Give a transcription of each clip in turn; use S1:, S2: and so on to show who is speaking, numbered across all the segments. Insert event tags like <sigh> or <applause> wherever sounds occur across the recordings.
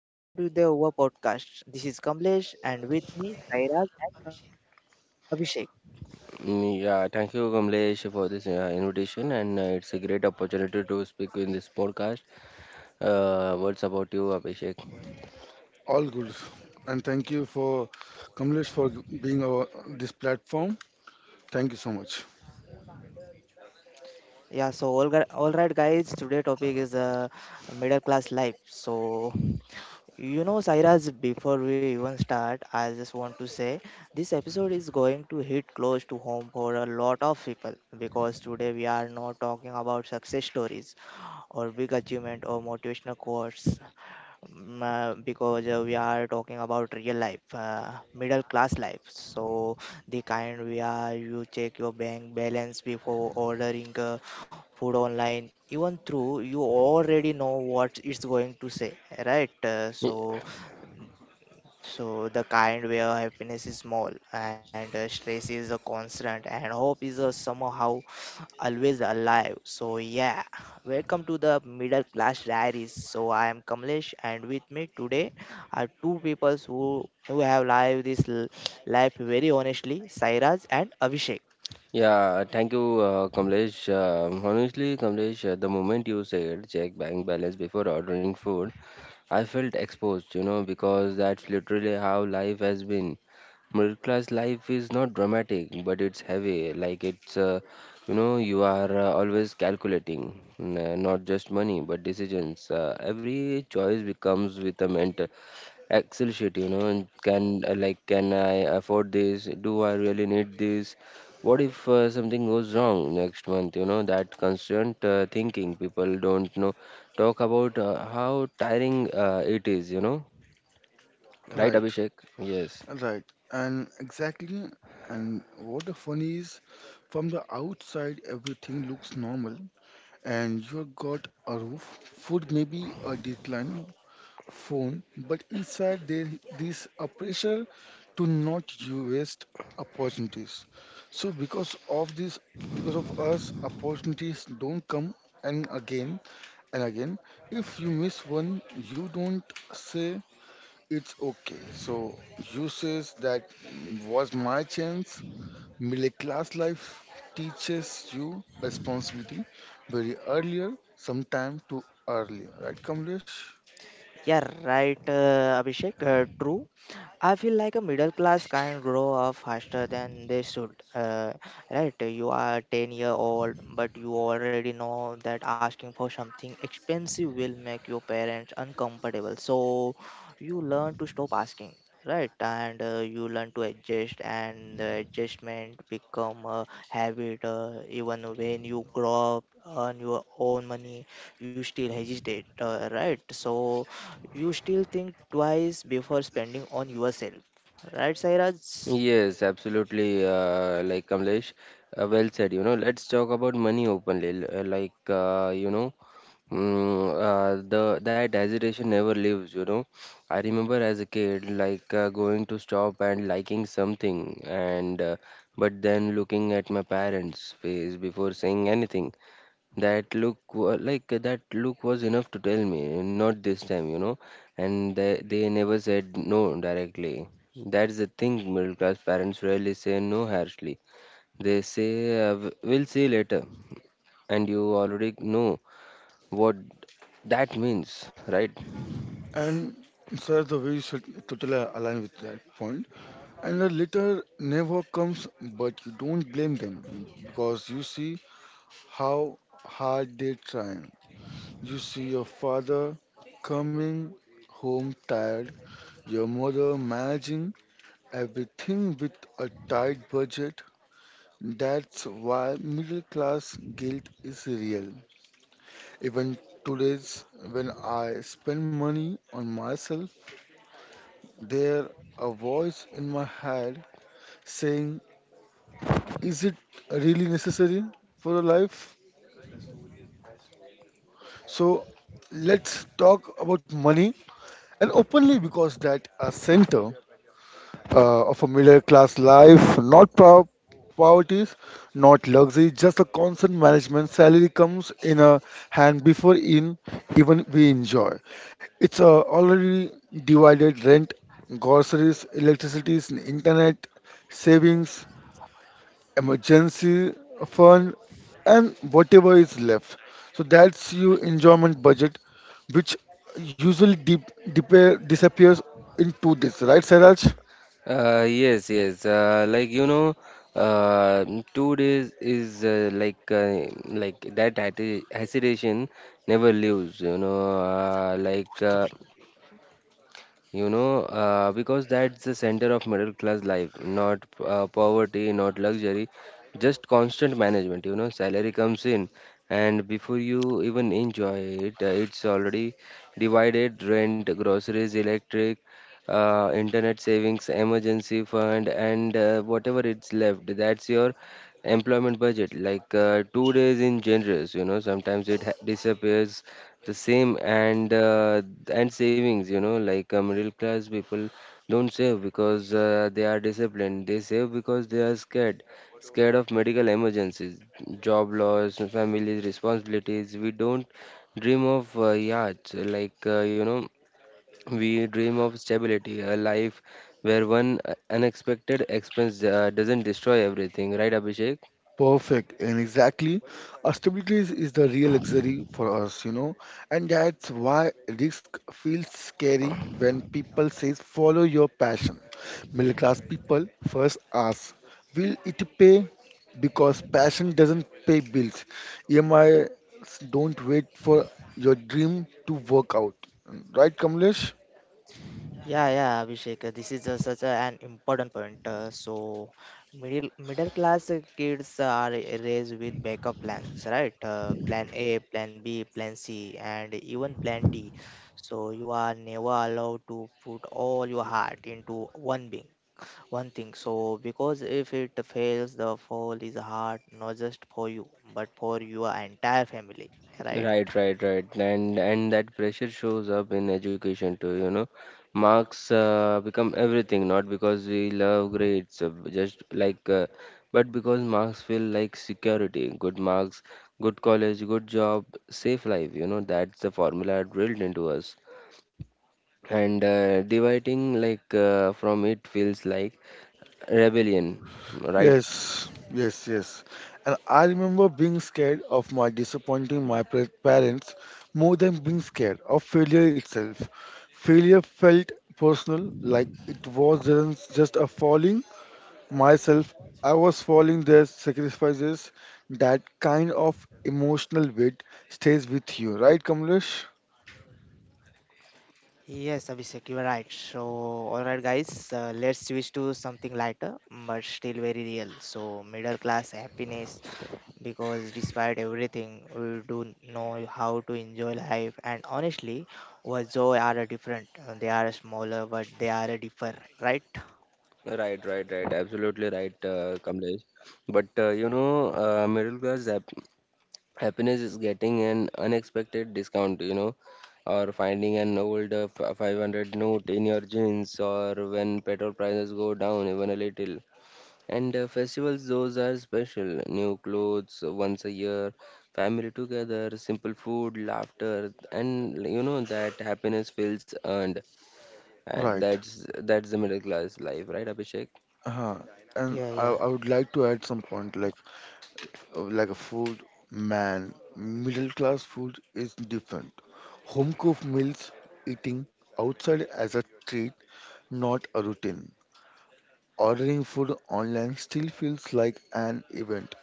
S1: welcome to the Over Podcast. This is Kamlesh, and with me Sairaj and Abhishek.
S2: Yeah, thank you, Kamlesh, for this invitation, and it's a great opportunity to speak in this podcast. Words about you, Abhishek.
S3: All good. And thank you for Kamlesh for being our this platform. Thank you so much.
S1: All right guys, today topic is middle class life. So you know Sairaj, before we even start, I just want to say this episode is going to hit close to home for a lot of people because today we are not talking about success stories or big achievement or motivational quotes. Because we are talking about real life, middle class life. So the kind where you check your bank balance before ordering food online, even through you already know what it's going to say, right? Uh,
S2: Y-
S1: so so the kind where happiness is small, and stress is a constant, and hope is somehow always alive. So yeah, welcome to the Middle Class Diaries. So I am Kamlesh, and with me today are two people who have lived this life very honestly, Sairaj and Abhishek.
S2: Yeah, thank you, Kamlesh. Honestly, Kamlesh, the moment you said check bank balance before ordering food, I felt exposed, you know, because that's literally how life has been. Middle class life is not dramatic, but it's heavy. Like you are always calculating, not just money, but decisions. Every choice becomes with a ment Excel sheet, you know, and can like can I afford this? Do I really need this? What if something goes wrong next month? You know, that constant thinking people don't know talk about how tiring it is, you know, right,
S3: Right,
S2: Abhishek? Yes.
S3: right. And exactly and what the fun is from the outside everything looks normal, and you have got a roof, food, maybe a decline, phone, but inside there this a pressure to not you waste opportunities. So because of this because of us opportunities don't come and again. And again, if you miss one, you don't say it's okay. So you says that was my chance. Middle class life teaches you responsibility very earlier, sometime too early, right, Kamlesh?
S1: Yeah, right, Abhishek. True. I feel like a middle class can grow up faster than they should. Right? You are 10-year-old, but you already know that asking for something expensive will make your parents uncomfortable. So you learn to stop asking. Right, and you learn to adjust, and the adjustment become a habit. Even when you grow up, earn your own money, you still hesitate. Right, so you still think twice before spending on yourself. Right, Sairaj?
S2: Yes, absolutely. Like Kamlesh, well said. You know, let's talk about money openly. Like, you know, Mm, the that hesitation never leaves, you know. I remember as a kid, like going to stop and liking something, and but then looking at my parents' face before saying anything. That look was enough to tell me, not this time, you know. And they never said no directly. That's the thing. Middle class parents rarely say no harshly. They say, We'll see later," and you already know what that means, right?
S3: And sir, the way you should totally align with that point. And the letter never comes, but you don't blame them because you see how hard they try. You see your father coming home tired, your mother managing everything with a tight budget. That's why middle class guilt is real. Even today's, when I spend money on myself, there a voice in my head saying, "Is it really necessary for a life?" So let's talk about money and openly because that a center of a middle class life, not poverty, not luxury, just a constant management. Salary comes in a hand before in even we enjoy. It's already divided rent, groceries, electricity, internet, savings, emergency fund, and whatever is left. So that's your enjoyment budget, which usually dip, disappears in 2 days, right, Saraj?
S2: Yes, yes. Uh, 2 days is hesitation never leaves. Because that's the center of middle class life, not poverty, not luxury, just constant management. You know, salary comes in, and before you even enjoy it, it's already divided rent, groceries, electric, internet savings, emergency fund, and whatever it's left. That's your employment budget. Like 2 days in generous, you know, sometimes it disappears the same and savings, middle class people don't save because they are disciplined. They save because they are scared, scared of medical emergencies, job loss, family responsibilities. We don't dream of yachts, we dream of stability, a life where one unexpected expense doesn't destroy everything, right, Abhishek?
S3: Perfect, and exactly. Stability is the real luxury for us, you know, and that's why risk feels scary when people says follow your passion. Middle class people first ask, will it pay? Because passion doesn't pay bills. EMIs don't wait for your dream to work out. Right, Kamlesh?
S1: Yeah, yeah, Abhishek. This is such an important point. Middle class kids are raised with backup plans, right? Plan A, plan B, plan C, and even plan D. So you are never allowed to put all your heart into one being. One thing, so because if it fails, the fall is hard not just for you but for your entire family, right?
S2: Right, and that pressure shows up in education too. You know, marks become everything, not because we love grades, but because marks feel like security. Good marks, good college, good job, safe life. You know, that's the formula drilled into us, and dividing like from it feels like rebellion. Right,
S3: Yes. And I, remember being scared of my disappointing my parents more than being scared of failure itself. Failure felt personal, like it wasn't just a falling myself. I was falling their sacrifices. That kind of emotional weight stays with you, right, Kamlesh?
S1: Yes, Abhishek, you are right. So, alright, guys, let's switch to something lighter but still very real. So, middle class happiness, because despite everything, we do know how to enjoy life, and honestly, our joy are different. They are smaller, but they are differ, right?
S2: right. Absolutely right, Kamlesh. But middle class happiness is getting an unexpected discount, you know, or finding an old 500 note in your jeans, or when petrol prices go down even a little. And festivals, those are special: new clothes once a year, family together, simple food, laughter, and you know that happiness feels earned. And
S3: Right.
S2: that's the middle class life, right, Abhishek?
S3: Uh-huh. And
S1: Yeah,
S3: I,
S1: yeah.
S3: I would like to add some point, like a food man, middle class food is different, home cooked meals, eating outside as a treat, not a routine. Ordering food online still feels like an event.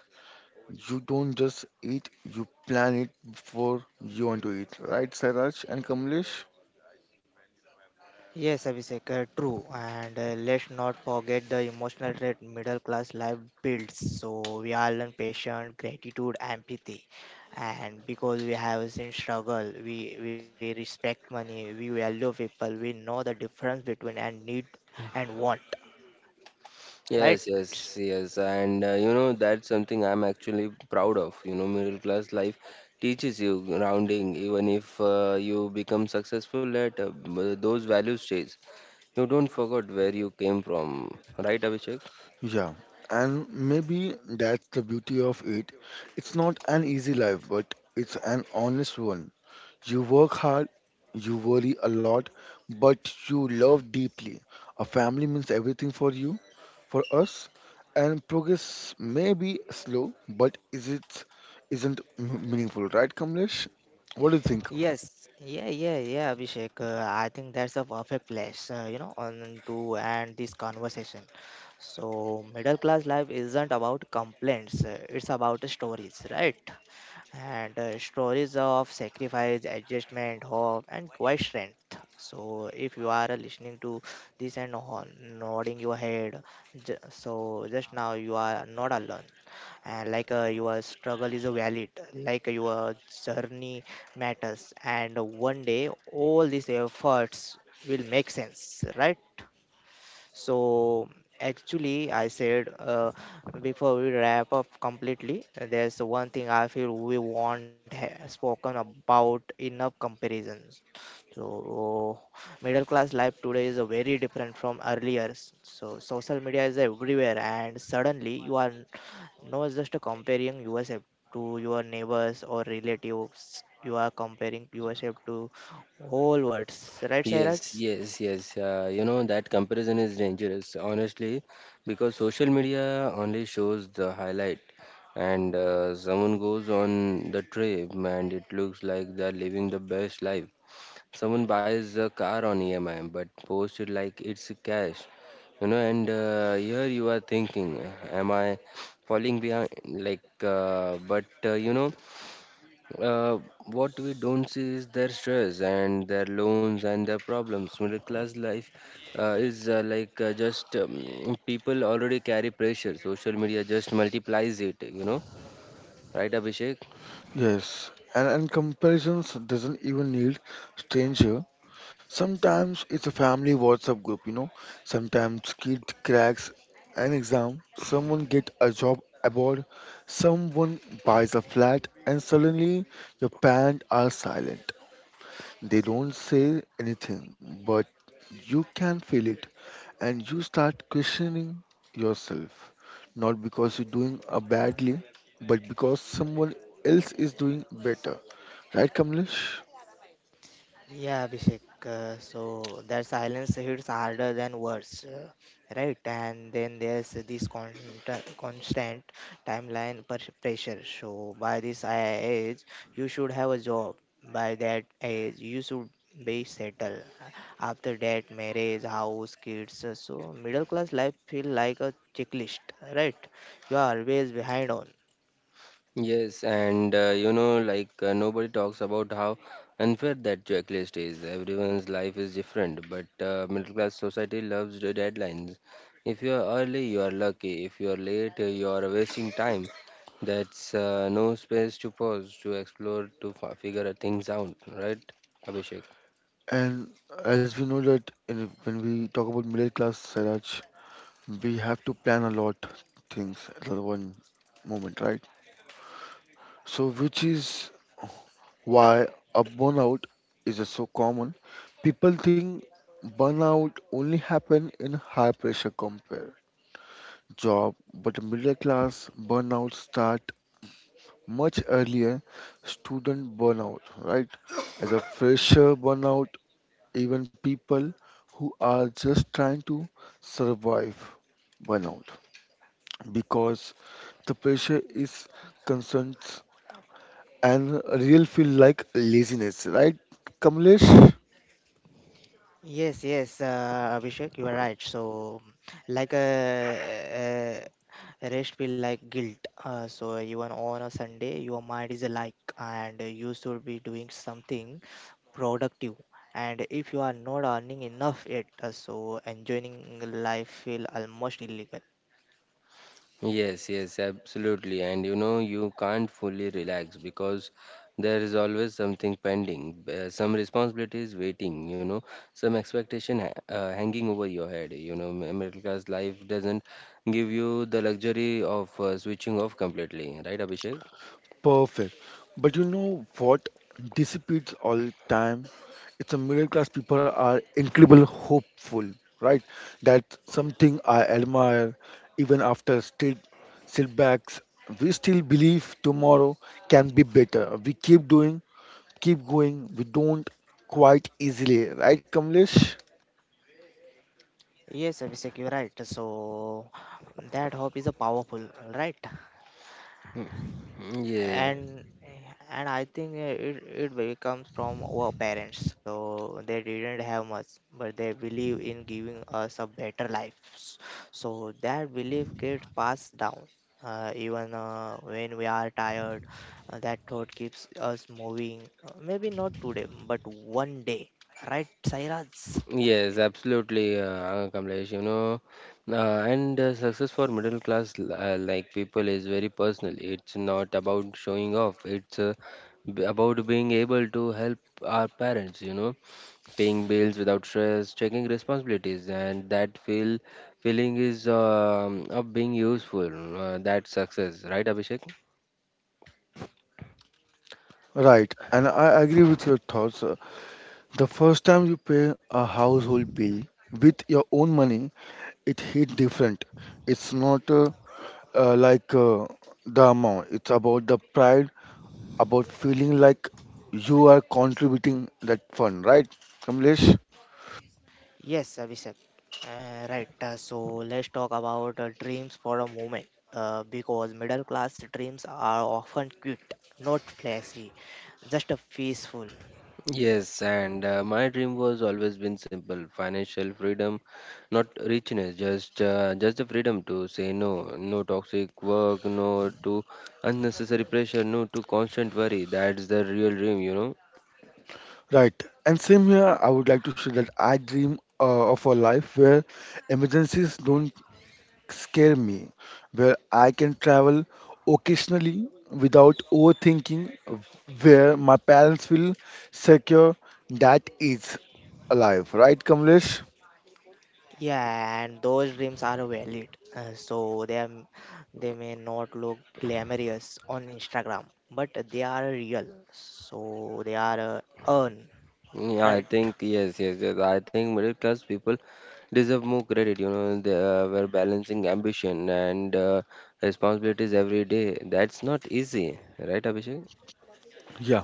S3: You don't just eat, you plan it before you want to eat, right, Sairaj and Kamlesh?
S1: Yes, Abhishek, true. And let's not forget the emotional trait middle class life builds. So we all learn patience, gratitude, empathy. And because we have seen struggle, we respect money, we value people, we know the difference between and need and want,
S2: Yes,
S1: right?
S2: yes, yes, and you know, that's something I'm actually proud of. You know, middle class life teaches you grounding, even if you become successful later, those values stays. You don't forget where you came from, right, Abhishek?
S3: Yeah, and maybe that's the beauty of it. It's not an easy life, but it's an honest one. You work hard, you worry a lot, but you love deeply. A family means everything for you, for us, and progress may be slow, but is it isn't m- meaningful, right, Kamlesh? What do you think?
S1: Yes, yeah, yeah, yeah, Abhishek. I think that's a perfect place, on to end this conversation. So, middle class life isn't about complaints, it's about stories, right? And stories of sacrifice, adjustment, hope, and quiet strength. So, if you are listening to this and nodding your head, just now you are not alone. And like your struggle is valid, like your journey matters, and one day all these efforts will make sense, right? So actually, I said before we wrap up completely, there's one thing I feel we won't ha spoken about enough: comparisons. So middle class life today is a very different from earlier. So social media is everywhere, and suddenly you are not just comparing yourself to your neighbors or relatives. You are comparing yourself to whole worlds, right,
S2: Yes,
S1: Cyrus?
S2: yes, yes. Uh, you know that comparison is dangerous, honestly, because social media only shows the highlight, and someone goes on the trip and it looks like they're living the best life. Someone buys a car on EMI but posts it like it's cash, you know. And here you are thinking, am I falling behind? Uh, what we don't see is their stress and their loans and their problems. Middle class life is like just people already carry pressure. Social media just multiplies it, you know. Right, Abhishek?
S3: Yes, and comparisons doesn't even need stranger. Sometimes it's a family WhatsApp group, you know. Sometimes kid cracks an exam, someone get a job abroad, someone buys a flat, and suddenly your parents are silent. They don't say anything, but you can feel it, and you start questioning yourself. Not because you're doing badly, but because someone else is doing better. Right, Kamlesh?
S1: Yeah, Abhishek. So their silence hits harder than words, right? And then there's this constant timeline pressure. So by this age, you should have a job. By that age, you should be settled. After that, marriage, house, kids. So middle class life feel like a checklist, right? You are always behind on.
S2: Yes, and nobody talks about how unfair that checklist is. Everyone's life is different, but middle class society loves the deadlines. If you are early, you are lucky. If you are late, you are wasting time. That's no space to pause, to explore, to f figure things out, right, Abhishek?
S3: And as we know that in, when we talk about middle class, Sairaj, we have to plan a lot things at the one moment, right? So, which is why a burnout is so common. People think burnout only happen in high pressure compare job, but middle class burnout start much earlier. Student burnout, right? As a fresher burnout, even people who are just trying to survive burnout because the pressure is concerns and real feel like laziness, right, Kamlesh?
S1: Yes, yes, Abhishek, you are right. So, like uh, rest feel like guilt. So even on a Sunday, your mind is like, and you should be doing something productive. And if you are not earning enough yet, so enjoying life feel almost illegal.
S2: Yes, yes, absolutely. And you know, you can't fully relax because there is always something pending, some responsibilities waiting, you know, some expectation ha hanging over your head. You know, middle class life doesn't give you the luxury of switching off completely, right, Abhishek?
S3: Perfect. But you know what dissipates all time? It's a middle class people are incredible hopeful, right? That's something I admire. Even after state setbacks, we still believe tomorrow can be better. We keep doing, keep going. We don't quite easily, right, Kamlesh?
S1: Yes, Abhishek, you're right. So that hope is a powerful, right?
S2: Yeah.
S1: and and I think it really comes from our parents. So they didn't have much, but they believe in giving us a better life, so that belief gets passed down, even when we are tired, that thought keeps us moving. Maybe not today but one day, right, Sairaj?
S2: Yes, absolutely, Kamlesh. You know, and success for middle class people is very personal. It's not about showing off. It's about being able to help our parents. You know, paying bills without stress, taking responsibilities, and that feeling is of being useful. That success, right, Abhishek?
S3: Right, and I agree with your thoughts. The first time you pay a household bill with your own money, it hit different. It's not uh, like uh, the amount, it's about the pride, about feeling like you are contributing that fund, right, Kamlesh?
S1: Yes, Abhishek. Right. So let's talk about dreams for a moment. Because middle class dreams are often cute, not flashy, just a peaceful.
S2: Yes, and my dream was always been simple: financial freedom, not richness, just the freedom to say no, no toxic work, no to unnecessary pressure, no to constant worry. That's the real dream, you know.
S3: Right. And same here, I would like to say that I dream of a life where emergencies don't scare me, where I can travel occasionally without overthinking, where my parents will secure that is alive. Right, Kamlesh?
S1: Yeah, and those dreams are valid. So they may not look glamorous on Instagram, but they are real. So they are earned,
S2: Yeah, I
S1: right?
S2: think yes, yes, yes. I think middle class people deserve more credit. You know, they were balancing ambition and responsibilities every day. That's not easy, right, Abhishek?
S3: Yeah.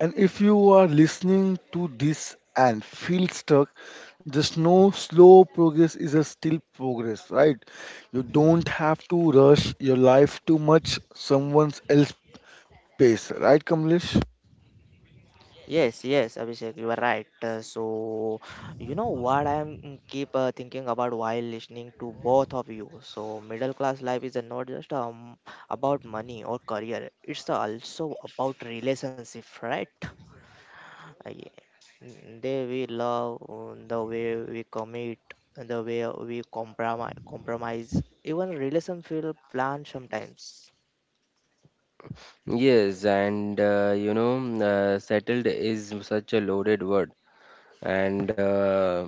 S3: And if you are listening to this and feel stuck, just know slow progress is a still progress, right? You don't have to rush your life too much someone else's pace, right, Kamlesh?
S1: Yes, yes, Abhishek, you are right. You know what I am keep thinking about while listening to both of you. So, middle class life is not just about money or career. It's also about relationship, right? Yeah, mm, They we love the way we commit, and the way we compromise. Even relation feel planned sometimes.
S2: Yes, and settled is such a loaded word, and uh,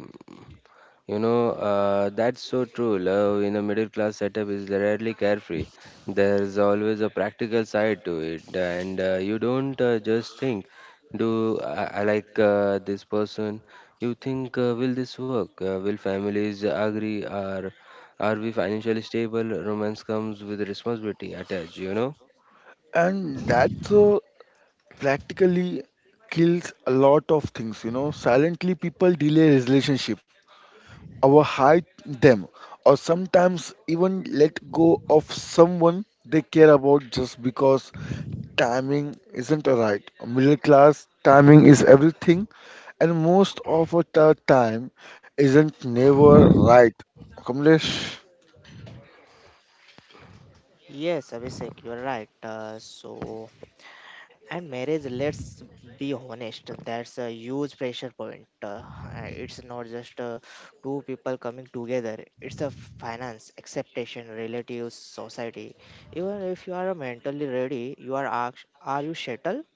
S2: that's so true. Love in a middle class setup is rarely carefree. There's always a practical side to it, and you don't just think, do I like this person? You think, will this work? Will families agree? Are we financially stable? Romance comes with responsibility attached, you know.
S3: And that's a practically kills a lot of things, you know, silently people delay relationship, overhype them, or sometimes even let go of someone they care about just because timing isn't right. Middle class timing is everything, and most of the time isn't never right, Kamlesh.
S1: Yes, Abhishek, you are right. And marriage, let's be honest, that's a huge pressure point. It's not just two people coming together, it's a finance, acceptation, relatives, society. Even if you are mentally ready, you are asked, "Are you settled?"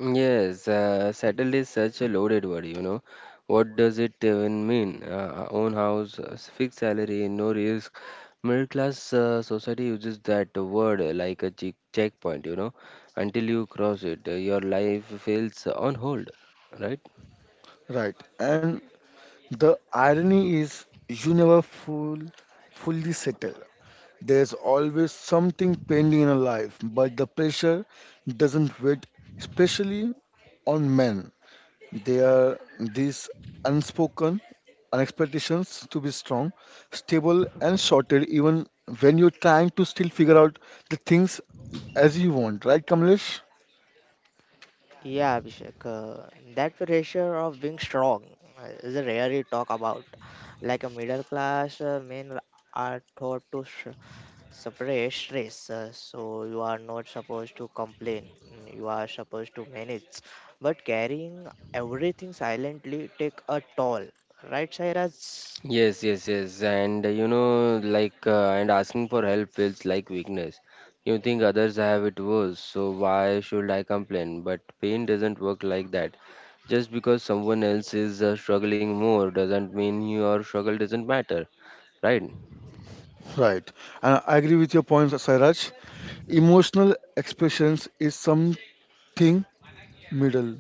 S2: Yes, settled is such a loaded word, you know. What does it even mean? Own house, fixed salary, no risk. Middle class society uses that word like a checkpoint, you know. Until you cross it, your life feels on hold, right?
S3: Right, and the irony is you never fully settle. There's always something pending in a life, but the pressure doesn't wait, especially on men. There are these unspoken expectations to be strong, stable, and sorted, even when you're trying to still figure out the things as you want, right, Kamlesh?
S1: Yeah, Abhishek, that pressure of being strong is rarely talk about. Like a middle class men are taught to separate stress, so you are not supposed to complain, you are supposed to manage. But carrying everything silently take a toll, right, Sairaj?
S2: Yes. And and asking for help feels like weakness. You think others have it worse, so why should I complain? But pain doesn't work like that. Just because someone else is struggling more doesn't mean your struggle doesn't matter, right?
S3: Right. And I agree with your points, Sairaj. Emotional expressions is something middle.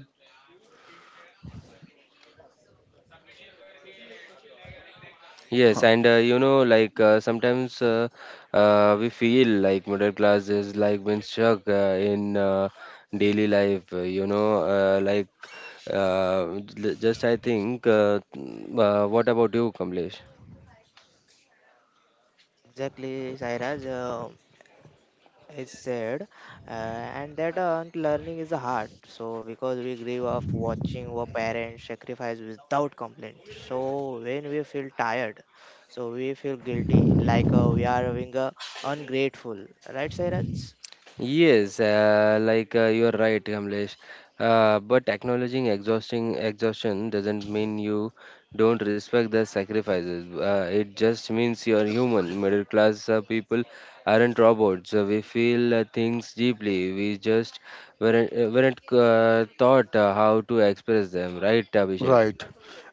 S2: Yes,
S3: Huh.
S2: and you know, like sometimes we feel like middle class is like being stuck in daily life, you know, like j- just I think, what about you, Kamlesh?
S1: Exactly, Sairaj. Is said, and that learning is hard. So because we grew up watching our parents sacrifice without complaint. So when we feel tired, so we feel guilty, like we are being ungrateful, right, Sairaj?
S2: Yes, you are right, Kamlesh. But acknowledging exhausting exhaustion doesn't mean you don't respect the sacrifices. It just means you are human. Middle class people aren't robots. We feel things deeply. We just weren't taught how to express them, right, Abhishek?
S3: Right.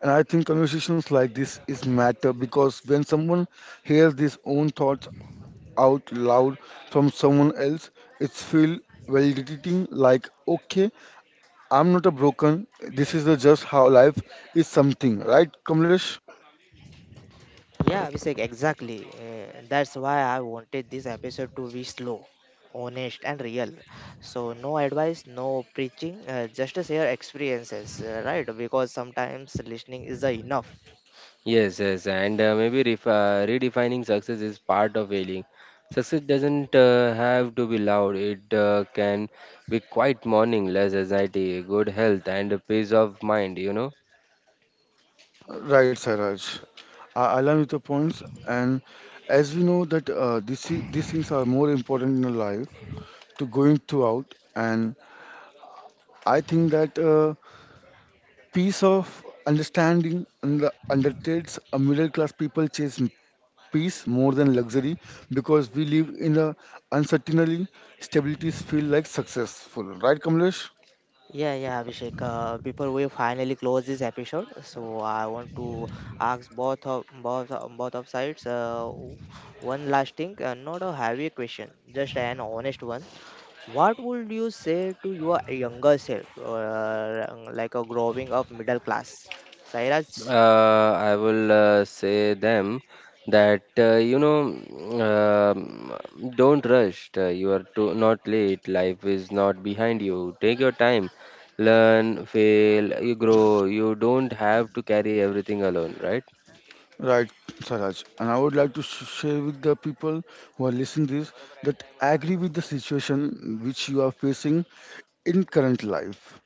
S3: And I think conversations like this is matter because when someone hears his own thoughts out loud from someone else, it's feel validating like, okay, I'm not a broken. This is the just how life is something. Right, Kamlesh?
S1: Yeah, Abhishek, exactly. That's why I wanted this episode to be slow, honest, and real. So, no advice, no preaching, just share experiences, right? Because sometimes listening is enough.
S2: Yes, yes, and maybe ref redefining success is part of healing. Success doesn't have to be loud. It can be quiet morning, less anxiety, good health, and a peace of mind. You know,
S3: Right, Sairaj. I align with the points, and as we know that this, these things are more important in our life to going throughout, and I think that peace of understanding undertakes a middle class people chase peace more than luxury because we live in a uncertainty. Stabilities feel like successful, right, Kamlesh?
S1: Yeah, yeah, Abhishek. Before we finally close this episode, so I want to ask both of sides one last thing, not a heavy question, just an honest one. What would you say to your younger self, like a growing up middle class? Sairaj?
S2: I will say them that um, don't rush. You are too, not late. Life is not behind you. Take your time. Learn, fail, you grow. You don't have to carry everything alone, right?
S3: Right, Saraj. And I would like to share with the people who are listening this that agree with the situation which you are facing in current life.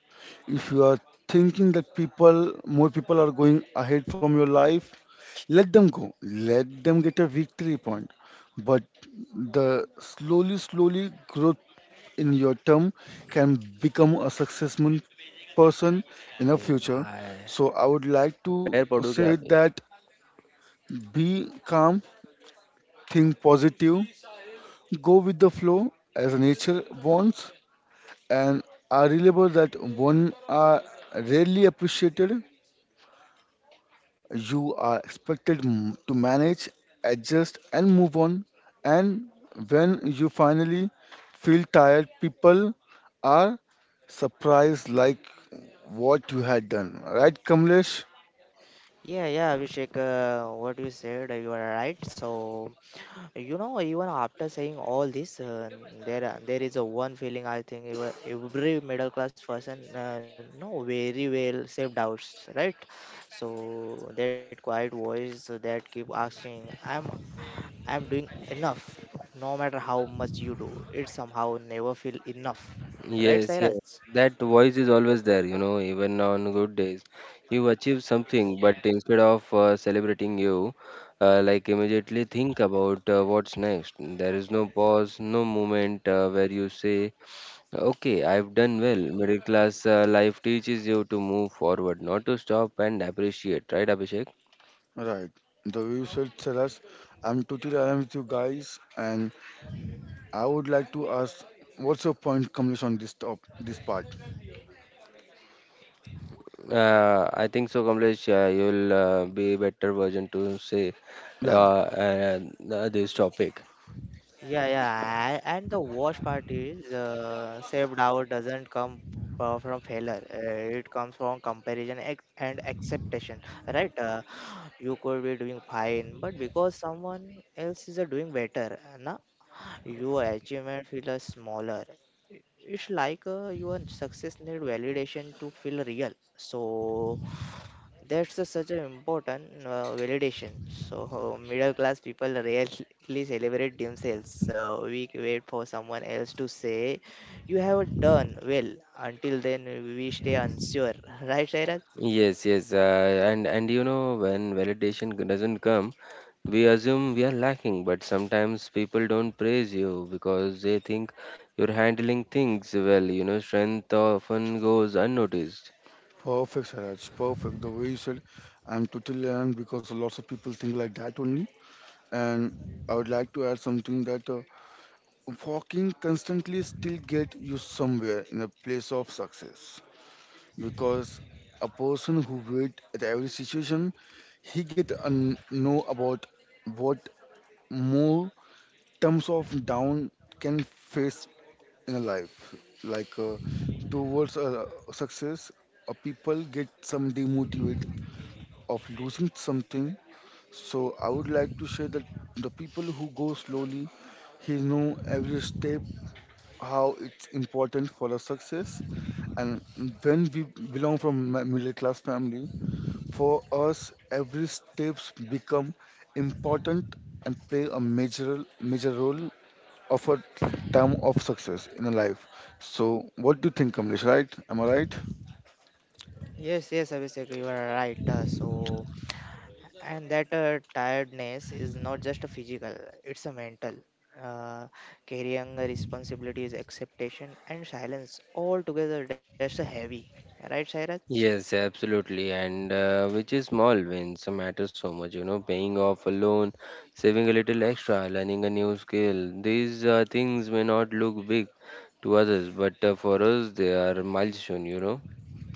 S3: If you are thinking that people, more people are going ahead from your life, let them go. Let them get a victory point. But the slowly growth in your term can become a successful person in the
S2: Hey,
S3: future.
S2: bhai.
S3: So I would like to
S2: Pair padu kya
S3: say
S2: bhai?
S3: that be calm, think positive, go with the flow as nature wants, and I remember that one are rarely appreciated. You are expected to manage, adjust, and move on. And when you finally feel tired, people are surprised like what you had done. Right, Kamlesh?
S1: Yeah, yeah, Abhishek, what you said, you are right. So, even after saying all this, there is a one feeling I think every middle class person know very well: self doubts, right? So that quiet voice that keep asking, "Am I'm doing enough, no matter how much you do. It somehow never feel enough."
S2: Yes,
S1: Right,
S2: yes.
S1: Cyrus?
S2: That voice is always there, you know, even on good days. You achieve something, but instead of celebrating you, immediately think about what's next. There is no pause, no moment where you say, okay, I've done well. Middle class life teaches you to move forward, not to stop and appreciate, right, Abhishek?
S3: Right. The way you said, Saras, I'm totally aligned with you guys, and I would like to ask, what's your point, Kamlesh, on this this part?
S2: I think so, Kamlesh. You'll be better version to say
S3: Yeah,
S2: uh, this topic.
S1: Yeah, yeah. And the worst part is saved out doesn't come from failure. It comes from comparison and acceptation. Right? You could be doing fine, but because someone else is doing better, na, your achievement feels smaller. It's like your success need validation to feel real. So that's such an important validation. So <laughs> middle class people rarely celebrate themselves. So we wait for someone else to say, "You have done well." Until then, we stay unsure, <laughs> right, Shairaj?
S2: Yes, yes. And you know when validation doesn't come, we assume we are lacking. But sometimes people don't praise you because they think you're handling things well. You know, strength often goes unnoticed.
S3: perfect, Saraj, perfect. The way you said, I'm totally aligned because lots of people think like that only. And I would like to add something that walking constantly still get you somewhere in a place of success because a person who wait at every situation, he get a know about what more terms of down can face in a life like towards success, people get some demotivate of losing something, so I would like to share that the people who go slowly he know every step how it's important for a success, and when we belong from middle class family, for us every steps become important and play a major major role of a term of success in a life. So, what do you think, Kamlesh? Right? Am I right?
S1: Yes, yes, Abhishek, you are right. And that tiredness is not just a physical; it's a mental. Uh, Carrying the responsibilities, acceptation, and silence all together. That's a heavy, right, Shairaj?
S2: Yes, absolutely. And which is small wins matter so much, you know, paying off a loan, saving a little extra, learning a new skill. These things may not look big to others, but for us, they are milestone, you know.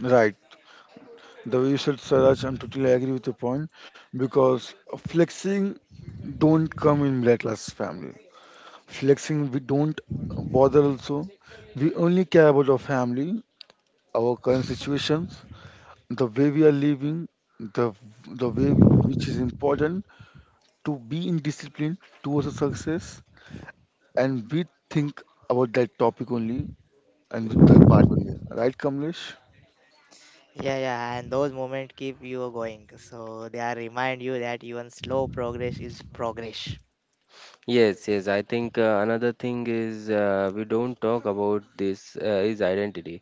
S3: Right. The way you said, Saraj, I'm totally agree with your point because flexing don't come in black class family. Flexing, we don't bother also. We only care about our family, our current situations, the way we are living, the the way which is important to be in discipline towards a success, and we think about that topic only and with the part only. Right, Kamlesh?
S1: Yeah, yeah, and those moments keep you going. So they are remind you that even slow progress is progress.
S2: Yes, yes. I think another thing is we don't talk about this is identity.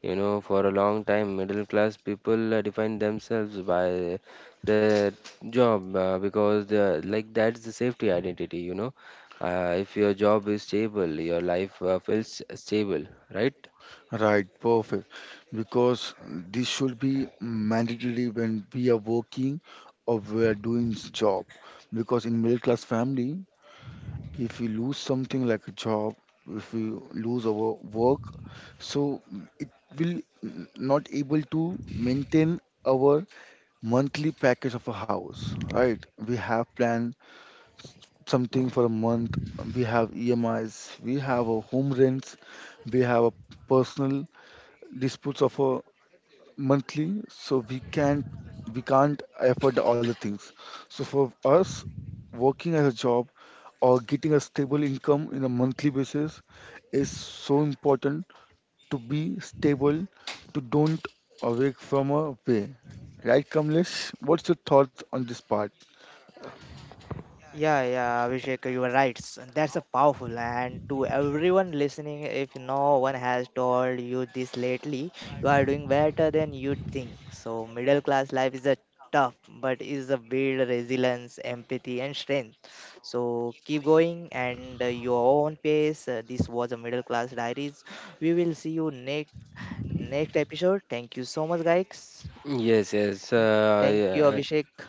S2: You know, for a long time, middle class people define themselves by their job because the like that's the safety identity, you know. If your job is stable, your life feels stable, right?
S3: Right, perfect. Because this should be mandatory when we are working or we are doing job. Because in middle class family, if we lose something like a job, if we lose our work, so it will not able to maintain our monthly package of a house, right? We have plan something for a month. We have EMIs, we have a home rents, we have a personal disputes of a monthly. So we can't afford all the things. So for us, working as a job or getting a stable income in a monthly basis is so important to be stable, to don't awake from a way. Right, Kamlesh? What's your thoughts on this part?
S1: Yeah, yeah, Abhishek, you are right. So that's a powerful. And to everyone listening, if no one has told you this lately, you are doing better than you think. So middle class life is a tough, but is a build resilience, empathy, and strength. So keep going and your own pace. This was a Middle Class Diaries. We will see you next episode. Thank you so much, guys.
S2: Yes, yes.
S1: Thank you,
S2: Yeah.
S1: Abhishek.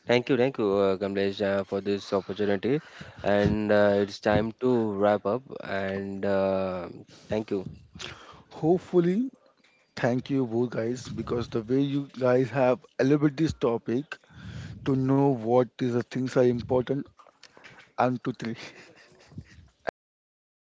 S2: Thank you, Kamlesh, for this opportunity. And it's time to wrap up. And thank you.
S3: Hopefully, thank you both guys because the way you guys have elaborated this topic to know what is the things are important and to three <laughs> agree.